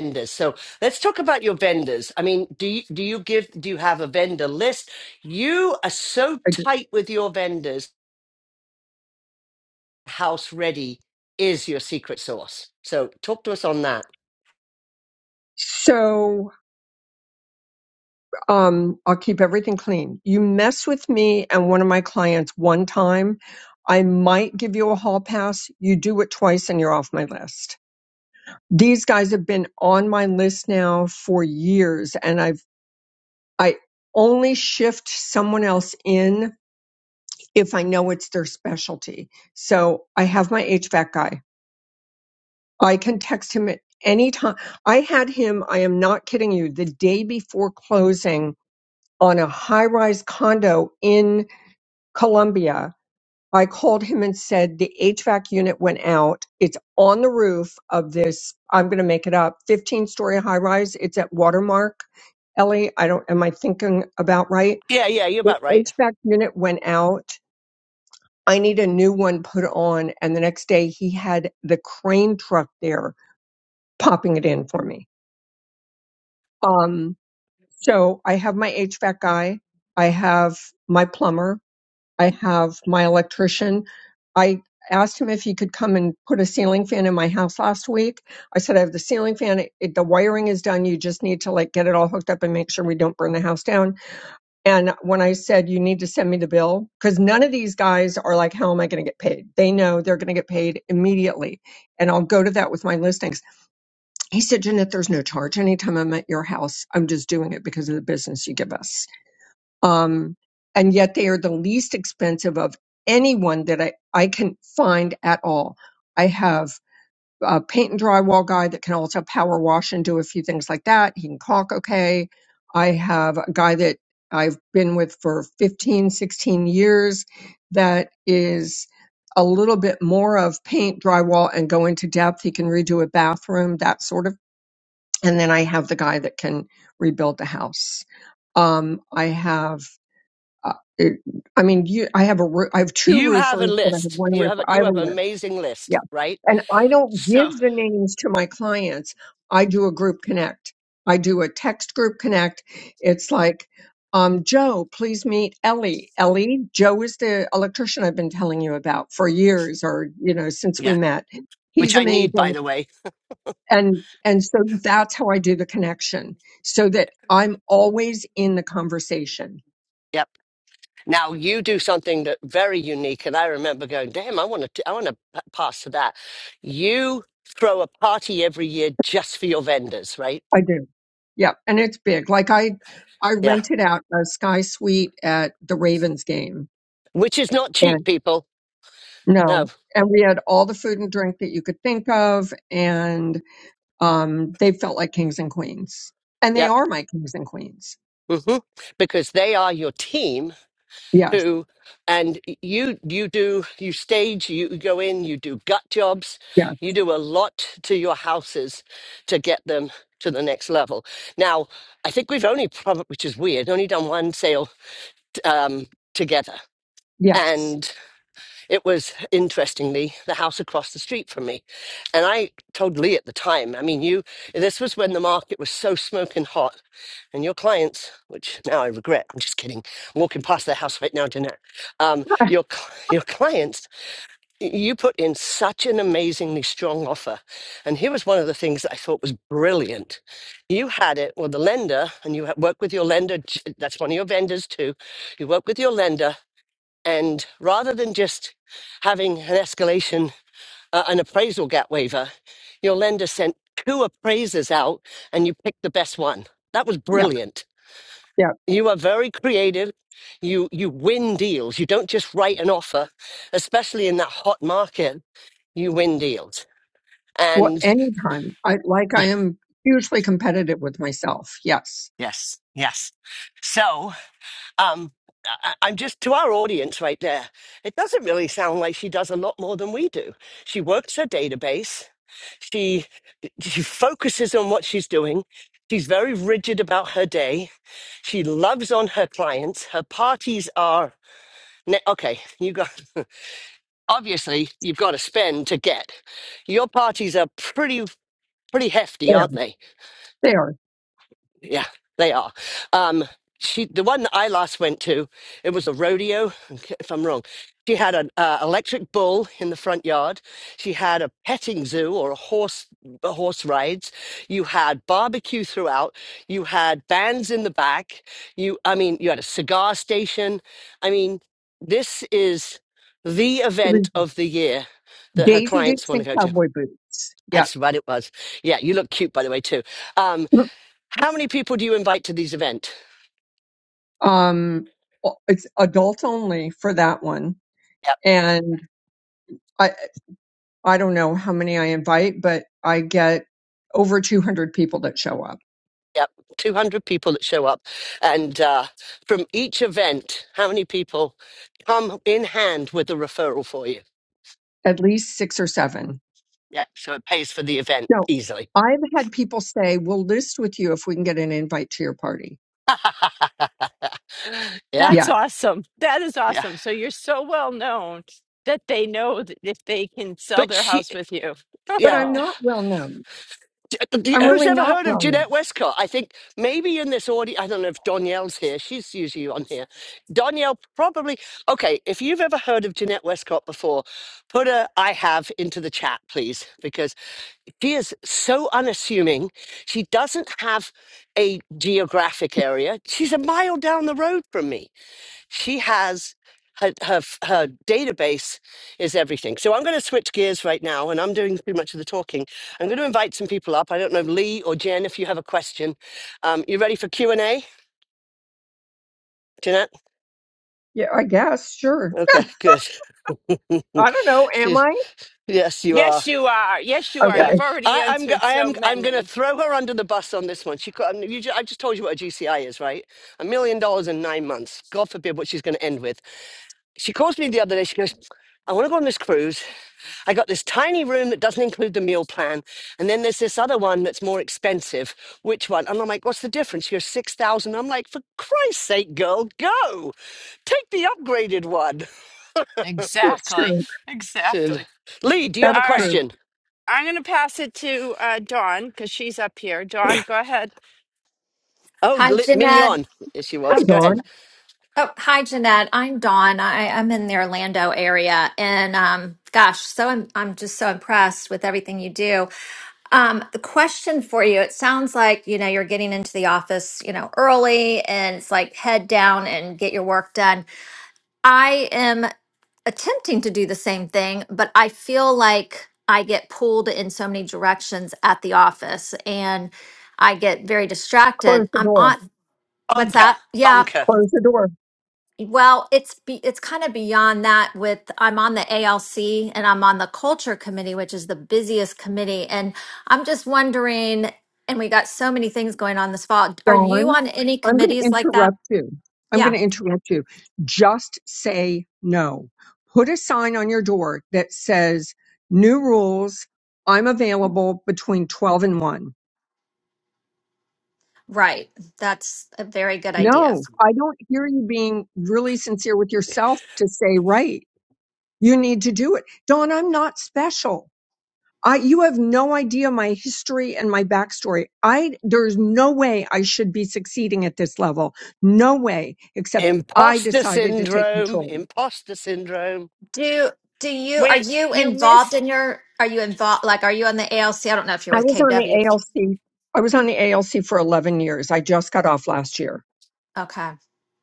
[SPEAKER 3] Vendors. So let's talk about your vendors. I mean, do you do you give do you have a vendor list? You are so
[SPEAKER 4] I do.
[SPEAKER 3] tight with your vendors house ready is your secret sauce. So talk to us on that.
[SPEAKER 4] So um, I'll keep everything clean. You mess with me and one of my clients one time, I might give you a hall pass. You do it twice and you're off my list. These guys have been on my list now for years and I've, I only shift someone else in if I know it's their specialty. So I have my HVAC guy. I can text him at any time. I had him, I am not kidding you, the day before closing on a high rise condo in Columbia. I called him and said the HVAC unit went out. It's on the roof of this. I'm going to make it up. 15 story high rise. It's at Watermark. Ellie, I don't. Am I thinking about right?
[SPEAKER 3] Yeah, yeah, you're
[SPEAKER 4] The
[SPEAKER 3] about right.
[SPEAKER 4] HVAC unit went out. I need a new one put on. And the next day, he had the crane truck there popping it in for me. Um, so I have my HVAC guy. I have my plumber. I have my electrician. I asked him if he could come and put a ceiling fan in my house last week. I said, I have the ceiling fan. It, it- the wiring is done. You just need to like get it all hooked up and make sure we don't burn the house down. And when I said, you need to send me the bill, because none of these guys are like, how am I going to get paid? They know they're going to get paid immediately. And I'll go to that with my listings. He said, Jeanette, there's no charge. Anytime I'm at your house, I'm just doing it because of the business you give us um, and yet they are the least expensive of anyone that I, I can find at all. I have a paint and drywall guy that can also power wash and do a few things like that. He can caulk okay. I have a guy that I've been with for 15, 16 years that is a little bit more of paint, drywall, and go into depth. He can redo a bathroom, that sort of. And then I have the guy that can rebuild the house. Um, I have uh, it, I mean, you, I have a, roo- I have two
[SPEAKER 3] You have a
[SPEAKER 4] roofers, but I have
[SPEAKER 3] list.
[SPEAKER 4] one
[SPEAKER 3] You have a,
[SPEAKER 4] roofer. I
[SPEAKER 3] you
[SPEAKER 4] have a
[SPEAKER 3] have an
[SPEAKER 4] list.
[SPEAKER 3] amazing list,
[SPEAKER 4] Yeah.
[SPEAKER 3] right?
[SPEAKER 4] And I don't
[SPEAKER 3] So
[SPEAKER 4] give the names to my clients. I do a group connect. I do a text group connect. It's like, um, Joe, please meet Ellie. Ellie, Joe is the electrician I've been telling you about for years or, you know, since we
[SPEAKER 3] yeah,
[SPEAKER 4] met.
[SPEAKER 3] which
[SPEAKER 4] He's
[SPEAKER 3] I need by
[SPEAKER 4] amazing.
[SPEAKER 3] the way.
[SPEAKER 4] And, and so that's how I do the connection so that I'm always in the conversation
[SPEAKER 3] Yep. Now you do something that very unique, and I remember going, damn, I want to I want to pass to that. You throw a party every year just for your vendors, right?
[SPEAKER 4] I do. Yeah, and it's big. Like I, I
[SPEAKER 3] Yeah,
[SPEAKER 4] rented out a sky suite at the Ravens game,
[SPEAKER 3] which is not cheap,
[SPEAKER 4] and
[SPEAKER 3] people. No.
[SPEAKER 4] no, and we had all the food and drink that you could think of, and um, they felt like kings and queens, and they
[SPEAKER 3] Yep.
[SPEAKER 4] are my kings and queens.
[SPEAKER 3] hmm Because they are your team
[SPEAKER 4] Yes,
[SPEAKER 3] who and you you do you stage you go in you do gut jobs
[SPEAKER 4] yes,
[SPEAKER 3] you do a lot to your houses to get them to the next level now i think we've only probably which is weird only done one sale um, together
[SPEAKER 4] yes,
[SPEAKER 3] and it was interestingly the house across the street from me and i told lee at the time i mean you this was when the market was so smoking hot and your clients, which now I regret, I'm just kidding. I'm walking past their house right now, Jeanette. Um, your cl- your clients, you put in such an amazingly strong offer, and here was one of the things that I thought was brilliant. You had it, well, the lender, and you ha- work with your lender. j- That's one of your vendors too. You work with your lender, and rather than just having an escalation, uh, an appraisal gap waiver, your lender sent two appraisers out, and you picked the best one. That was
[SPEAKER 4] yeah,
[SPEAKER 3] brilliant
[SPEAKER 4] yeah.
[SPEAKER 3] you are very creative. You you win deals. You don't just write an offer, especially in that hot market. You win deals.
[SPEAKER 4] Well,
[SPEAKER 3] And
[SPEAKER 4] anytime I like,
[SPEAKER 3] yeah,
[SPEAKER 4] I am hugely competitive with myself. Yes,
[SPEAKER 3] yes, yes. So um, I, I- am just to our audience right there. It doesn't really sound like she does a lot more than we do. She works her database. She she focuses on what she's doing. She's very rigid about her day. She loves on her clients. Her parties are ne- okay. You go. obviously you've got to spend to get. Your parties are pretty pretty hefty,
[SPEAKER 4] they are.
[SPEAKER 3] aren't they?
[SPEAKER 4] They are.
[SPEAKER 3] Yeah, they are. Um, she, the one that I last went to, it was a rodeo. okay, If I'm wrong, she had an uh, electric bull in the front yard. She had a petting zoo or a horse, a horse rides. You had barbecue throughout. You had bands in the back. You, I mean, you had a cigar station. I mean, this is the
[SPEAKER 4] It was
[SPEAKER 3] event of the year that her
[SPEAKER 4] Daisy
[SPEAKER 3] clients
[SPEAKER 4] Dukes
[SPEAKER 3] want to
[SPEAKER 4] and
[SPEAKER 3] go to.
[SPEAKER 4] cowboy boots. Yeah.
[SPEAKER 3] That's what it was. Yeah, you look cute, by the way, too. Um, how many people do you invite to these events?
[SPEAKER 4] um it's adults only for that one
[SPEAKER 3] Yep,
[SPEAKER 4] and i i don't know how many i invite but i get over 200 people that show up
[SPEAKER 3] yep. 200 people that show up. And uh, from each event, how many people come in hand with a referral for you?
[SPEAKER 4] at least 6 or 7
[SPEAKER 3] Yeah, so it pays for the event
[SPEAKER 4] no
[SPEAKER 3] easily.
[SPEAKER 4] i've had people say we'll list with you if we can get an invite to your party
[SPEAKER 3] yeah,
[SPEAKER 1] That's
[SPEAKER 4] yeah
[SPEAKER 1] awesome. That is
[SPEAKER 3] yeah.
[SPEAKER 1] awesome. So you're so well known that they know that if they can sell
[SPEAKER 3] But
[SPEAKER 1] their
[SPEAKER 3] she,
[SPEAKER 1] house with you.
[SPEAKER 4] but
[SPEAKER 3] yeah,
[SPEAKER 4] i'm not well known
[SPEAKER 3] Do- you-
[SPEAKER 4] i'm
[SPEAKER 3] Who's
[SPEAKER 4] really
[SPEAKER 3] ever
[SPEAKER 4] not
[SPEAKER 3] heard of
[SPEAKER 4] well known
[SPEAKER 3] Jeanette Westcott? I think maybe in this audience, I don't know if Danielle's here. She's usually on here.
[SPEAKER 1] Oh.
[SPEAKER 3] Danielle probably. Okay, if you've ever heard of Jeanette Westcott before, put a I have into the chat, please, because she is so unassuming. She doesn't have a geographic area. She's a mile down the road from me she has her, her her database is everything. So I'm going to switch gears right now, and I'm doing too much of the talking. I'm going to invite some people up. I don't know Lee or Jen if you have a question. Um, you ready for Q and A, Jeanette?
[SPEAKER 4] yeah i guess sure
[SPEAKER 3] Okay, good.
[SPEAKER 4] i don't know am
[SPEAKER 3] She's
[SPEAKER 4] i
[SPEAKER 3] yes, you are.
[SPEAKER 1] Yes, you are. Yes, you are.
[SPEAKER 3] Yeah,
[SPEAKER 1] You've
[SPEAKER 4] okay
[SPEAKER 1] already
[SPEAKER 3] I, I'm go-
[SPEAKER 1] answered
[SPEAKER 3] I
[SPEAKER 1] so
[SPEAKER 3] am I'm going to
[SPEAKER 1] many.
[SPEAKER 3] throw her under the bus on this one. She co- um, you, ju- I just told you what a GCI is, right? A million dollars in nine months. God forbid what she's going to end with. She calls me the other day. She goes, "I want to go on this cruise." I got this tiny room that doesn't include the meal plan. And then there's this other one that's more expensive. Which one? And I'm like, what's the difference? You're 6,000. I'm like, for Christ's sake, girl, go. Take the upgraded one.
[SPEAKER 4] it's
[SPEAKER 1] Exactly.
[SPEAKER 4] true
[SPEAKER 3] Said,
[SPEAKER 1] Exactly.
[SPEAKER 3] Lee, do you have a
[SPEAKER 1] All
[SPEAKER 4] that's
[SPEAKER 1] right.
[SPEAKER 4] true
[SPEAKER 3] question?
[SPEAKER 1] I'm going to pass it to uh, Dawn because she's up here. Dawn, go ahead.
[SPEAKER 3] Oh,
[SPEAKER 5] Hi,
[SPEAKER 3] Li-
[SPEAKER 5] Jeanette.
[SPEAKER 3] Mignon. Yes, she
[SPEAKER 5] Oh,
[SPEAKER 3] was.
[SPEAKER 4] hi
[SPEAKER 3] Go
[SPEAKER 4] dawn
[SPEAKER 3] ahead.
[SPEAKER 5] oh, hi, Jeanette. I'm Dawn. I, I'm in the Orlando area, and um, gosh, so I'm I'm just so impressed with everything you do. Um, the question for you: It sounds like you know you're getting into the office, you know, early, and it's like head down and get your work done. I am attempting to do the same thing, but I feel like I get pulled in so many directions at the office, and I get very
[SPEAKER 4] close
[SPEAKER 5] distracted.
[SPEAKER 4] the
[SPEAKER 5] I'm
[SPEAKER 4] door
[SPEAKER 5] on. What's
[SPEAKER 3] Bunker,
[SPEAKER 5] that? Yeah,
[SPEAKER 3] bunker.
[SPEAKER 4] close the door
[SPEAKER 5] Well, it's be, it's kind of beyond that with I'm on the ALC and I'm on the culture committee, which is the busiest committee. And I'm just wondering, and we got so many things going on this fall. Are you
[SPEAKER 4] Dawn,
[SPEAKER 5] on any
[SPEAKER 4] I'm going to
[SPEAKER 5] committees like that?
[SPEAKER 4] interrupt you. I'm going
[SPEAKER 5] Yeah,
[SPEAKER 4] to interrupt you. Just say no. Put a sign on your door that says, New rules. I'm available between 12 and 1.
[SPEAKER 5] right. That's a very good idea.
[SPEAKER 4] No, I don't hear you being really sincere with yourself to say, right. You need to do it. Dawn, I'm not special. I, you have no idea my history and my backstory. I, there's no way I should be succeeding at this level. No way, except I
[SPEAKER 3] Imposter
[SPEAKER 4] decided to take
[SPEAKER 3] syndrome,
[SPEAKER 4] control.
[SPEAKER 3] imposter syndrome.
[SPEAKER 5] Do do you are
[SPEAKER 1] Wait,
[SPEAKER 5] you
[SPEAKER 1] you
[SPEAKER 5] involved in
[SPEAKER 1] missed.
[SPEAKER 5] your are you involved like are you on the ALC? I don't know if you're
[SPEAKER 4] I
[SPEAKER 5] with
[SPEAKER 4] was on
[SPEAKER 5] KW,
[SPEAKER 4] the
[SPEAKER 5] but
[SPEAKER 4] ALC. I was on the ALC for 11 years. I just got off last year
[SPEAKER 5] okay.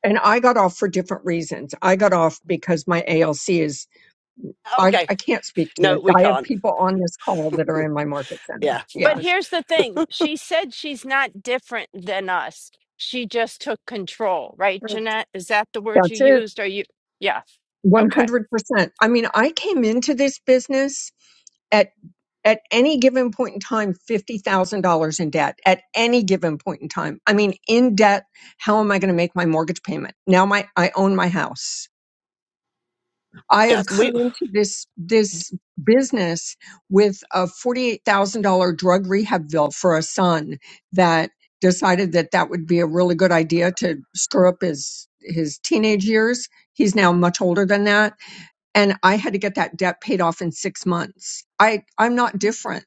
[SPEAKER 4] and I got off for different reasons. I got off because my ALC is, I,
[SPEAKER 3] Okay.
[SPEAKER 4] I can't speak to
[SPEAKER 3] No,
[SPEAKER 4] it.
[SPEAKER 3] we
[SPEAKER 4] I have
[SPEAKER 3] can't.
[SPEAKER 4] people on this call that are in my market center.
[SPEAKER 3] Yeah.
[SPEAKER 4] Yeah,
[SPEAKER 1] But here's the thing she said she's not different than us. She just took control, right,
[SPEAKER 5] Right.
[SPEAKER 1] Jeanette? Is that the word you
[SPEAKER 4] that's it.
[SPEAKER 1] used? Are you? Yeah. Okay.
[SPEAKER 4] 100%. I mean, I came into this business at at any given point in time $50,000 in debt at any given point in time. I mean in debt, how am I going to make my mortgage payment? Now my I own my house. I
[SPEAKER 3] Yeah.
[SPEAKER 4] have
[SPEAKER 5] That's
[SPEAKER 4] come
[SPEAKER 3] We,
[SPEAKER 4] into this this business with a $48,000 drug rehab bill for a son that decided that that would be a really good idea to stir up his his teenage years. He's now much older than that and I had to get that debt paid off in 6 months. I I'm not different.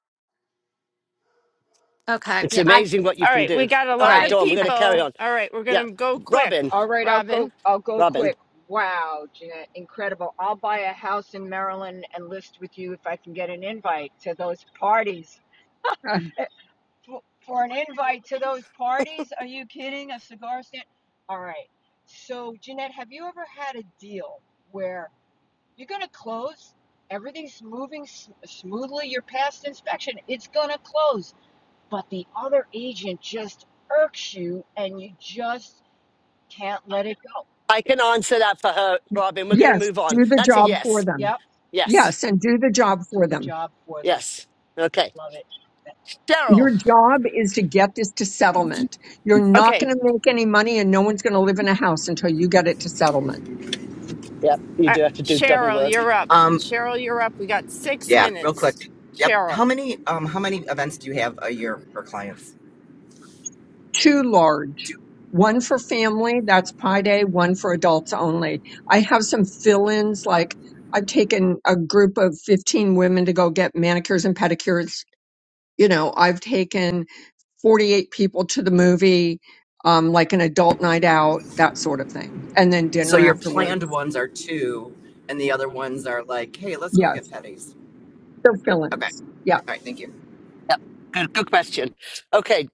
[SPEAKER 5] okay.
[SPEAKER 3] it's
[SPEAKER 5] Yeah, I
[SPEAKER 3] amazing what you
[SPEAKER 1] All
[SPEAKER 3] can
[SPEAKER 1] right. We
[SPEAKER 3] do.
[SPEAKER 1] got a
[SPEAKER 3] All
[SPEAKER 1] lot
[SPEAKER 3] right,
[SPEAKER 1] of
[SPEAKER 3] Dawn,
[SPEAKER 5] right.
[SPEAKER 3] we're going to carry
[SPEAKER 1] people.
[SPEAKER 3] on.
[SPEAKER 1] All right. We're going
[SPEAKER 3] Yeah.
[SPEAKER 1] to go quick,
[SPEAKER 3] Robin,
[SPEAKER 6] All right, I'll go.
[SPEAKER 1] Robin.
[SPEAKER 6] I'll go
[SPEAKER 3] Robin.
[SPEAKER 6] quick. Wow, Jeanette, incredible! I'll buy a house in Maryland and list with you if I can get an invite to those parties. Eh, For, for an invite to those parties? Are you kidding? A cigar stand? All right. So, Jeanette, have you ever had a deal where you're going to close? Everything's moving s- smoothly. You're past inspection. It's going to close, but the other agent just irks you, and you just can't let it go.
[SPEAKER 3] I can answer that for her, Robin. We're going to
[SPEAKER 4] Yes,
[SPEAKER 3] move on.
[SPEAKER 4] do the
[SPEAKER 3] That's a
[SPEAKER 4] job
[SPEAKER 3] yes.
[SPEAKER 4] for
[SPEAKER 6] Yep
[SPEAKER 4] them.
[SPEAKER 3] Yes.
[SPEAKER 4] Yes, and do the job
[SPEAKER 6] do
[SPEAKER 4] for
[SPEAKER 6] the
[SPEAKER 4] them.
[SPEAKER 6] job for them.
[SPEAKER 3] Yes. Okay.
[SPEAKER 6] Love it.
[SPEAKER 3] Cheryl.
[SPEAKER 4] Your job is to get this to settlement. You're not
[SPEAKER 1] Okay.
[SPEAKER 4] going to make any money and no one's going to live in a house until you get it to settlement.
[SPEAKER 3] Yep. You
[SPEAKER 1] Uh,
[SPEAKER 3] do have to do double
[SPEAKER 1] Cheryl,
[SPEAKER 3] work.
[SPEAKER 1] you're up.
[SPEAKER 7] Um,
[SPEAKER 1] Cheryl, you're up. We got six
[SPEAKER 7] yeah, real
[SPEAKER 1] minutes.
[SPEAKER 7] quick. Yep.
[SPEAKER 1] Cheryl.
[SPEAKER 7] How many um how many events do you have a year for clients?
[SPEAKER 4] Too large.
[SPEAKER 7] Two.
[SPEAKER 4] One for family, that's Pi Day, one for adults only. I have some fill ins, like I've taken a group of 15 women to go get manicures and pedicures. You know, I've taken 48 people to the movie, um, like an adult night out, that sort of thing. And then
[SPEAKER 7] So
[SPEAKER 4] dinner
[SPEAKER 7] your
[SPEAKER 4] afterwards.
[SPEAKER 7] planned ones are two and the other ones are like, hey, let's go get
[SPEAKER 4] Yes.
[SPEAKER 7] petties.
[SPEAKER 4] They're fill
[SPEAKER 7] Okay.
[SPEAKER 4] ins. Yeah.
[SPEAKER 7] All right, thank you.
[SPEAKER 3] Good, good question. Okay.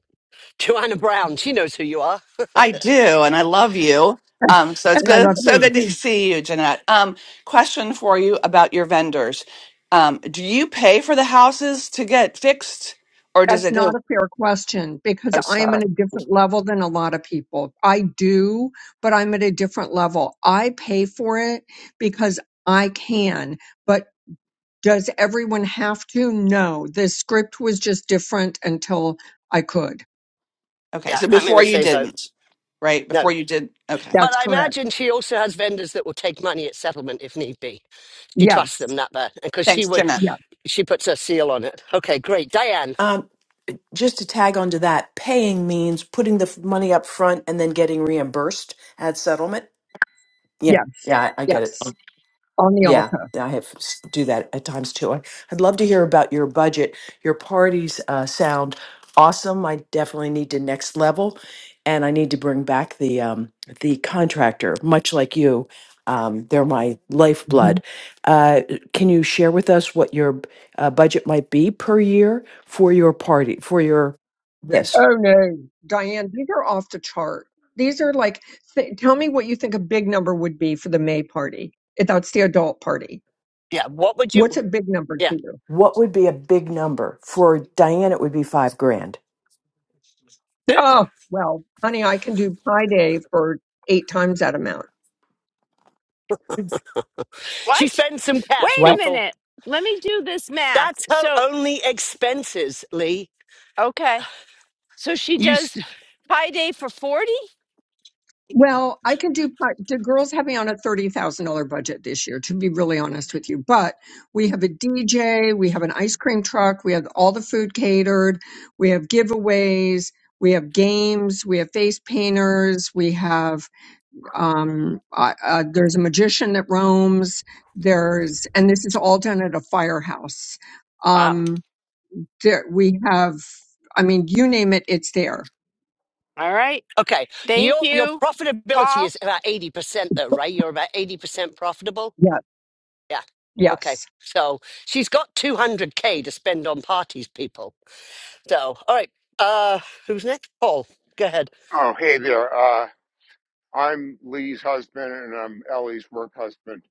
[SPEAKER 3] Joanna Brown. She knows who you are.
[SPEAKER 8] I do, and I love you.
[SPEAKER 4] And
[SPEAKER 8] Um, so it's
[SPEAKER 4] and I love
[SPEAKER 8] good. So
[SPEAKER 4] you.
[SPEAKER 8] good to see you, Jeanette. Um, question for you about your vendors. Um, do you pay for the houses to get fixed, or does
[SPEAKER 4] That's
[SPEAKER 8] it
[SPEAKER 4] not
[SPEAKER 8] go?
[SPEAKER 4] a fair question because
[SPEAKER 8] Oh,
[SPEAKER 4] I am
[SPEAKER 8] sorry.
[SPEAKER 4] in a different level than a lot of people. I do, but I'm at a different level. I pay for it because I can, but does everyone have to? No. The script was just different until I could.
[SPEAKER 8] Okay,
[SPEAKER 3] Yeah.
[SPEAKER 8] so
[SPEAKER 3] I'm in
[SPEAKER 8] before
[SPEAKER 3] the
[SPEAKER 8] you
[SPEAKER 3] same boat.
[SPEAKER 8] didn't, right? Before
[SPEAKER 3] No.
[SPEAKER 8] you did. Okay,
[SPEAKER 3] But
[SPEAKER 4] That's
[SPEAKER 3] I
[SPEAKER 4] correct.
[SPEAKER 3] imagine she also has vendors that will take money at settlement if need be. She trusts
[SPEAKER 4] Yes.
[SPEAKER 3] them that bad. Because she
[SPEAKER 8] thanks,
[SPEAKER 3] would,
[SPEAKER 8] Jeanette.
[SPEAKER 4] Yes.
[SPEAKER 3] she puts her seal on it. Okay. Great. Diane.
[SPEAKER 9] Um, just to tag onto that, paying means putting the f- money up front and then getting reimbursed at settlement. Yeah,
[SPEAKER 4] Yes,
[SPEAKER 9] yeah, I, I get it.
[SPEAKER 4] yes, on the
[SPEAKER 9] Yeah,
[SPEAKER 4] altar.
[SPEAKER 9] I have s- do that at times too. I- I'd love to hear about your budget. Your parties uh, sound awesome. I definitely need to next level, and I need to bring back the um, the contractor. Much like you, um, they're my lifeblood.
[SPEAKER 4] Mhm.
[SPEAKER 9] Uh, can you share with us what your b- uh, budget might be per year for your party for your yes?
[SPEAKER 4] Oh no, Diane, these are off the chart. These are like, th- tell me what you think a big number would be for the May party. If that's the adult party,
[SPEAKER 3] Yeah. What would you,
[SPEAKER 4] what's a big number to
[SPEAKER 3] yeah.
[SPEAKER 4] you?
[SPEAKER 9] What would be a big number for Diane? It would be five grand.
[SPEAKER 4] Oh, well, honey, I can do Pi Day for eight times that amount.
[SPEAKER 3] She
[SPEAKER 1] What?
[SPEAKER 3] spends some
[SPEAKER 1] Wait
[SPEAKER 3] cash,
[SPEAKER 1] a
[SPEAKER 9] What?
[SPEAKER 3] people.
[SPEAKER 1] minute. Let me do this math.
[SPEAKER 3] That's her
[SPEAKER 1] So,
[SPEAKER 3] only expenses, Lee.
[SPEAKER 1] okay. So she
[SPEAKER 3] You
[SPEAKER 1] does
[SPEAKER 3] st-
[SPEAKER 1] Pi Day for 40?
[SPEAKER 4] Well, I can do part. The girls have me on a $30,000 budget this year, to be really honest with you. But we have a DJ, we have an ice cream truck, we have all the food catered, we have giveaways, we have games, we have face painters, we have, um, uh, uh, there's a magician that roams, there's, and this is all done at a firehouse.
[SPEAKER 1] Wow.
[SPEAKER 4] Um, there, we have, I mean, you name it, it's there.
[SPEAKER 1] All right.
[SPEAKER 3] okay?
[SPEAKER 1] Thank
[SPEAKER 3] Your your
[SPEAKER 1] you,
[SPEAKER 3] profitability
[SPEAKER 1] Paul.
[SPEAKER 3] is about eighty percent, though, right? You're about eighty percent profitable.
[SPEAKER 4] Yeah.
[SPEAKER 3] Yeah. Okay.
[SPEAKER 4] Yes.
[SPEAKER 3] So she's got two hundred k to spend on parties, people. So all right. Uh, who's next? Paul. Go ahead.
[SPEAKER 10] Oh, hey there. Uh, I'm Lee's husband and I'm Ellie's work husband.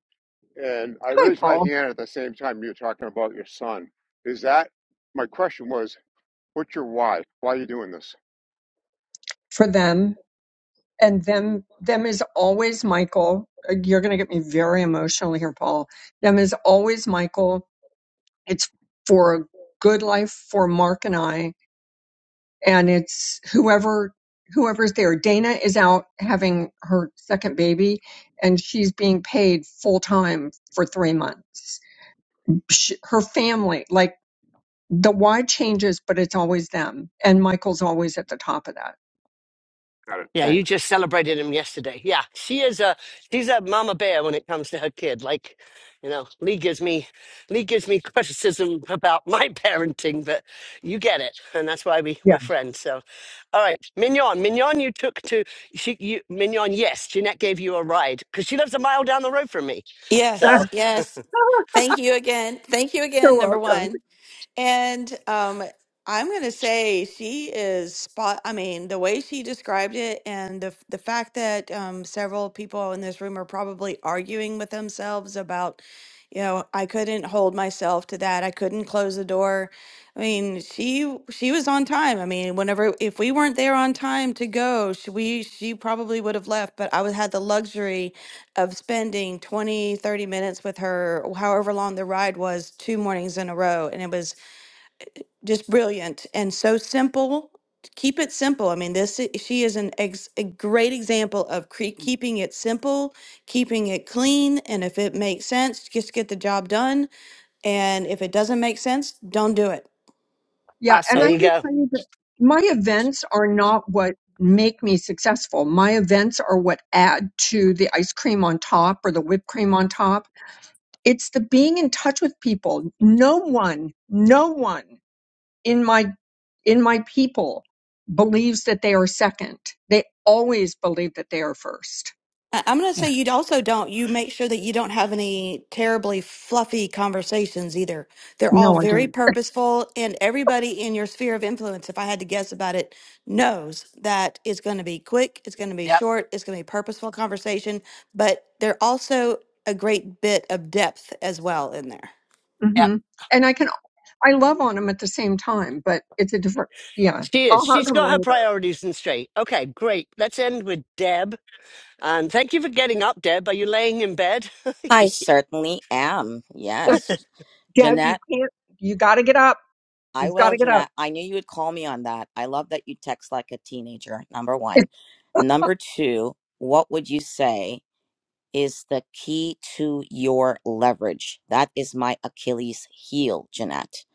[SPEAKER 10] And I
[SPEAKER 4] Hi,
[SPEAKER 10] raised my
[SPEAKER 4] Paul.
[SPEAKER 10] hand at the same time you're talking about your son. Is that my question was, what's your why? Why are you doing this?
[SPEAKER 4] For them. and them them is always michael Uh, you're going to get me very emotional here paul them is always michael it's for a good life for mark and i and it's whoever whoever's there dana is out having her second baby and she's being paid full time for three months Sh her family like the why changes, but it's always them. And Michael's always at the top of that.
[SPEAKER 10] Got it.
[SPEAKER 3] Yeah, you
[SPEAKER 10] Thanks.
[SPEAKER 3] just celebrated him yesterday. Yeah, she is a she's a mama bear when it comes to her kid. Like, you know, Lee gives me Lee gives me criticism about my parenting, but you get it, and that's why we
[SPEAKER 4] Yeah.
[SPEAKER 3] we're friends. So, all right, Mignon, Mignon, you took to she you Mignon. Yes, Jeanette gave you a ride because she lives a mile down the road from me.
[SPEAKER 11] Yes,
[SPEAKER 3] So
[SPEAKER 11] yes. Thank you again. Thank you
[SPEAKER 4] You're
[SPEAKER 11] again, number
[SPEAKER 4] welcome.
[SPEAKER 11] one. And um, I'm going to say she is spot. I mean, the way she described it and the, the fact that um, several people in this room are probably arguing with themselves about, you know, I couldn't hold myself to that. I couldn't close the door. I mean, she she was on time. I mean, whenever if we weren't there on time to go, she, we she probably would have left, but I would had the luxury of spending 20, 30 minutes with her, however long the ride was, two mornings in a row. And it was just brilliant and so simple. Keep it simple. I mean, this i- she is an ex, a great example of cre- keeping it simple, keeping it clean, and if it makes sense, just get the job done. And if it doesn't make sense, don't do it.
[SPEAKER 4] Yeah. And
[SPEAKER 3] there
[SPEAKER 1] Awesome.
[SPEAKER 4] I
[SPEAKER 3] you
[SPEAKER 4] can
[SPEAKER 3] go.
[SPEAKER 4] tell you that my events are not what make me successful. My events are what add to the ice cream on top or the whipped cream on top. It's the being in touch with people. No one, no one in my in my people believes that they are second. They always believe that they are first.
[SPEAKER 11] I- I'm going to say you also don't. You make sure that you don't have any terribly fluffy conversations either. They're all
[SPEAKER 4] No, I
[SPEAKER 11] very
[SPEAKER 4] don't.
[SPEAKER 11] purposeful, and everybody in your sphere of influence, if I had to guess about it, knows that it's going to be quick, it's going to be
[SPEAKER 3] Yep,
[SPEAKER 11] short, it's going to be purposeful conversation, but they're also a great bit of depth as well in there.
[SPEAKER 3] yep.
[SPEAKER 4] hmm And I can, I love on them at the same time, but it's a different, yeah.
[SPEAKER 3] She is.
[SPEAKER 4] I'll hug
[SPEAKER 3] She's
[SPEAKER 4] them
[SPEAKER 3] got her
[SPEAKER 4] later.
[SPEAKER 3] priorities in straight. Okay, great. Let's end with Deb. And thank you for getting up, Deb. Are you laying in bed?
[SPEAKER 12] I certainly am.
[SPEAKER 4] Look,
[SPEAKER 12] Yes.
[SPEAKER 4] Deb, you
[SPEAKER 12] Jeanette,
[SPEAKER 4] can't, you got to get up.
[SPEAKER 12] I
[SPEAKER 4] You've got
[SPEAKER 12] will,
[SPEAKER 4] to get up.
[SPEAKER 12] Jeanette. I knew you would call me on that. I love that you text like a teenager, number
[SPEAKER 4] It,
[SPEAKER 12] one. Number two, what would you say is the key to your leverage? That is my Achilles heel, Jeanette.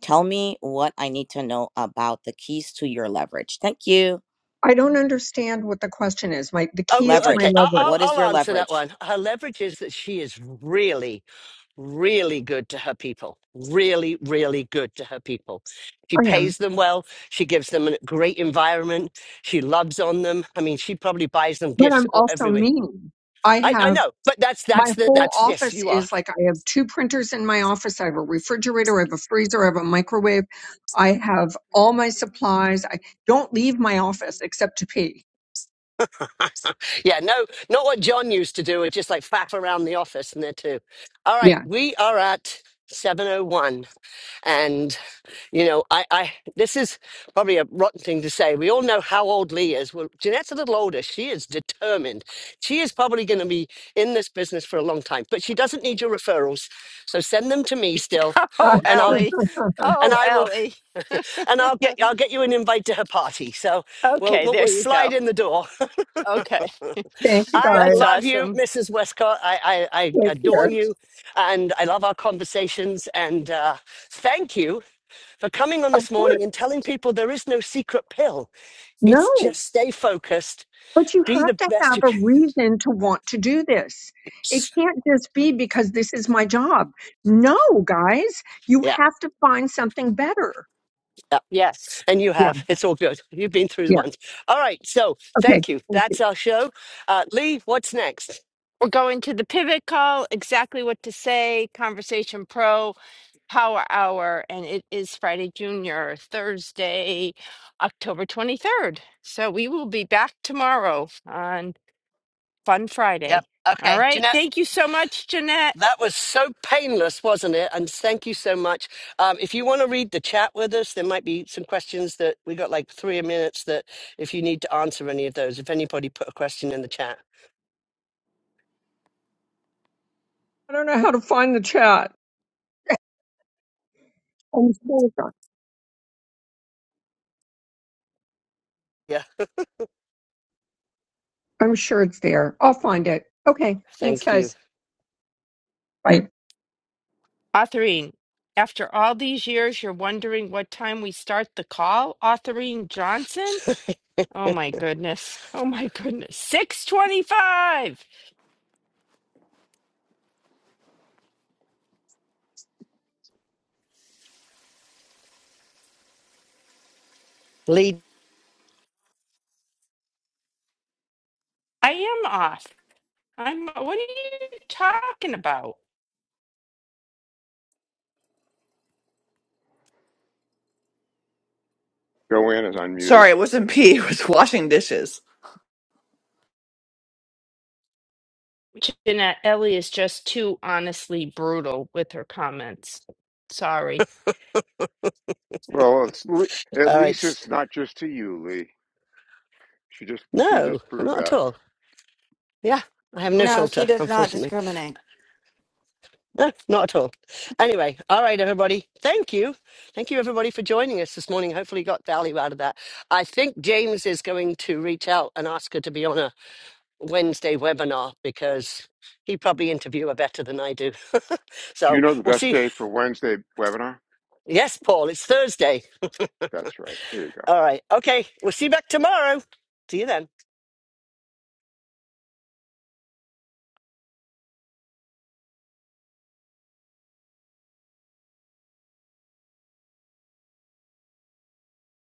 [SPEAKER 12] Tell me what I need to know about the keys to your leverage. Thank you.
[SPEAKER 4] I don't understand what the question is. My, the
[SPEAKER 3] Oh,
[SPEAKER 4] keys to my
[SPEAKER 3] okay.
[SPEAKER 12] Leverage.
[SPEAKER 3] I'll,
[SPEAKER 4] leverage.
[SPEAKER 3] I'll,
[SPEAKER 12] What is
[SPEAKER 3] I'll
[SPEAKER 12] your
[SPEAKER 3] answer that
[SPEAKER 12] leverage?
[SPEAKER 3] one. Her leverage is that she is really, really good to her people. Really, really good to her people. She
[SPEAKER 4] I am,
[SPEAKER 3] pays them well. She gives them a great environment. She loves on them. I mean, she probably buys them
[SPEAKER 4] but
[SPEAKER 3] gifts
[SPEAKER 4] I'm
[SPEAKER 3] all-
[SPEAKER 4] also
[SPEAKER 3] everywhere.
[SPEAKER 4] mean. I
[SPEAKER 3] I, I
[SPEAKER 4] have
[SPEAKER 3] know, but that's
[SPEAKER 4] my
[SPEAKER 3] that's the
[SPEAKER 4] whole
[SPEAKER 3] that's yes,
[SPEAKER 4] office
[SPEAKER 3] you are.
[SPEAKER 4] is like I have two printers in my office. I have a refrigerator, I have a freezer, I have a microwave. I have all my supplies. I don't leave my office except to pee.
[SPEAKER 3] yeah, no, not what John used to do. It's just like faff around the office and there too. All right,
[SPEAKER 4] Yeah.
[SPEAKER 3] we are at seven oh one. and. You know, I, I, this is probably a rotten thing to say. We all know how old Lee is. Well, Jeanette's a little older. She is determined. She is probably going to be in this business for a long time, but she doesn't need your referrals. So send them to me still,
[SPEAKER 1] Oh,
[SPEAKER 3] and I'll, g-
[SPEAKER 1] Ellie.
[SPEAKER 3] and
[SPEAKER 1] Oh,
[SPEAKER 3] I will,
[SPEAKER 1] Ellie.
[SPEAKER 3] and I'll get, I'll get you an invite to her party. So we'll,
[SPEAKER 1] Okay.
[SPEAKER 3] we'll,
[SPEAKER 1] There
[SPEAKER 3] we'll
[SPEAKER 1] you go.
[SPEAKER 3] slide in the door.
[SPEAKER 1] Okay.
[SPEAKER 4] Thank you
[SPEAKER 3] I
[SPEAKER 1] That's
[SPEAKER 4] guys.
[SPEAKER 3] love you,
[SPEAKER 1] awesome.
[SPEAKER 3] Mrs. Westcott. I, I, I
[SPEAKER 4] Take
[SPEAKER 3] adore
[SPEAKER 4] care.
[SPEAKER 3] you, and I love our conversations. And uh, thank you for coming on
[SPEAKER 4] Of
[SPEAKER 3] this morning
[SPEAKER 4] course.
[SPEAKER 3] and telling people there is no secret pill It's
[SPEAKER 4] No,
[SPEAKER 3] just stay focused,
[SPEAKER 4] but you
[SPEAKER 3] be
[SPEAKER 4] have
[SPEAKER 3] the
[SPEAKER 4] to
[SPEAKER 3] best
[SPEAKER 4] have
[SPEAKER 3] you
[SPEAKER 4] a
[SPEAKER 3] can.
[SPEAKER 4] reason to want to do this. It can't just be because this is my job. No, guys, you
[SPEAKER 3] Yeah,
[SPEAKER 4] have to find something better.
[SPEAKER 3] yeah.
[SPEAKER 1] Yes.
[SPEAKER 3] And you
[SPEAKER 4] Yeah.
[SPEAKER 3] have. It's all good. You've been through the
[SPEAKER 4] Yeah.
[SPEAKER 3] ones. All right. So
[SPEAKER 4] Okay.
[SPEAKER 3] thank you.
[SPEAKER 4] Thank
[SPEAKER 3] That's
[SPEAKER 4] you.
[SPEAKER 3] our show. Uh, Lee, what's next?
[SPEAKER 1] We're going to the pivot call, exactly what to say, Conversation Pro. Power Hour, and it is Friday, Junior, Thursday, October 23rd. So we will be back tomorrow on Fun Friday.
[SPEAKER 3] Yep.
[SPEAKER 1] All
[SPEAKER 3] Okay.
[SPEAKER 1] right.
[SPEAKER 3] Jeanette,
[SPEAKER 1] Thank you so much, Jeanette.
[SPEAKER 3] that was so painless, wasn't it? And thank you so much. Um, if you want to read the chat with us, there might be some questions that we got like three minutes that if you need to answer any of those, if anybody put a question in the chat.
[SPEAKER 4] I don't know how to find the chat. I'm sure
[SPEAKER 3] Yeah.
[SPEAKER 4] I'm sure it's there. I'll find it. Okay. Thanks,
[SPEAKER 3] Thank you.
[SPEAKER 4] guys. Bye.
[SPEAKER 1] Authorine. After all these years, you're wondering what time we start the call? Authorine Johnson? Oh my goodness. Oh my goodness. 625.
[SPEAKER 3] Lee,
[SPEAKER 1] I am off. I'm what are you talking about?
[SPEAKER 10] Joanne is unmuted.
[SPEAKER 8] Sorry, it wasn't pee. It was washing dishes.
[SPEAKER 1] Jeanette, Ellie is just too honestly brutal with her comments. Sorry.
[SPEAKER 10] Well, it's, Le- at
[SPEAKER 3] all right.
[SPEAKER 10] least
[SPEAKER 3] s-
[SPEAKER 10] it's not just to you, Lee. She just she
[SPEAKER 3] No,
[SPEAKER 10] just proved
[SPEAKER 3] not at
[SPEAKER 10] that.
[SPEAKER 3] all. Yeah, I have no
[SPEAKER 11] No, she
[SPEAKER 3] filter,
[SPEAKER 11] does not
[SPEAKER 3] unfortunately.
[SPEAKER 11] discriminate.
[SPEAKER 3] No, not at all. Anyway, all right, everybody. Thank you. Thank you, everybody, for joining us this morning. Hopefully, you got value out of that. I think James is going to reach out and ask her to be on a Wednesday webinar because he probably interview her better than I do.
[SPEAKER 10] Do you
[SPEAKER 3] so
[SPEAKER 10] know the
[SPEAKER 3] we'll
[SPEAKER 10] best
[SPEAKER 3] see.
[SPEAKER 10] day for Wednesday webinar?
[SPEAKER 3] Yes, Paul, it's Thursday.
[SPEAKER 10] That's right. There you go.
[SPEAKER 3] All right. Okay. We'll see you back tomorrow. See you then.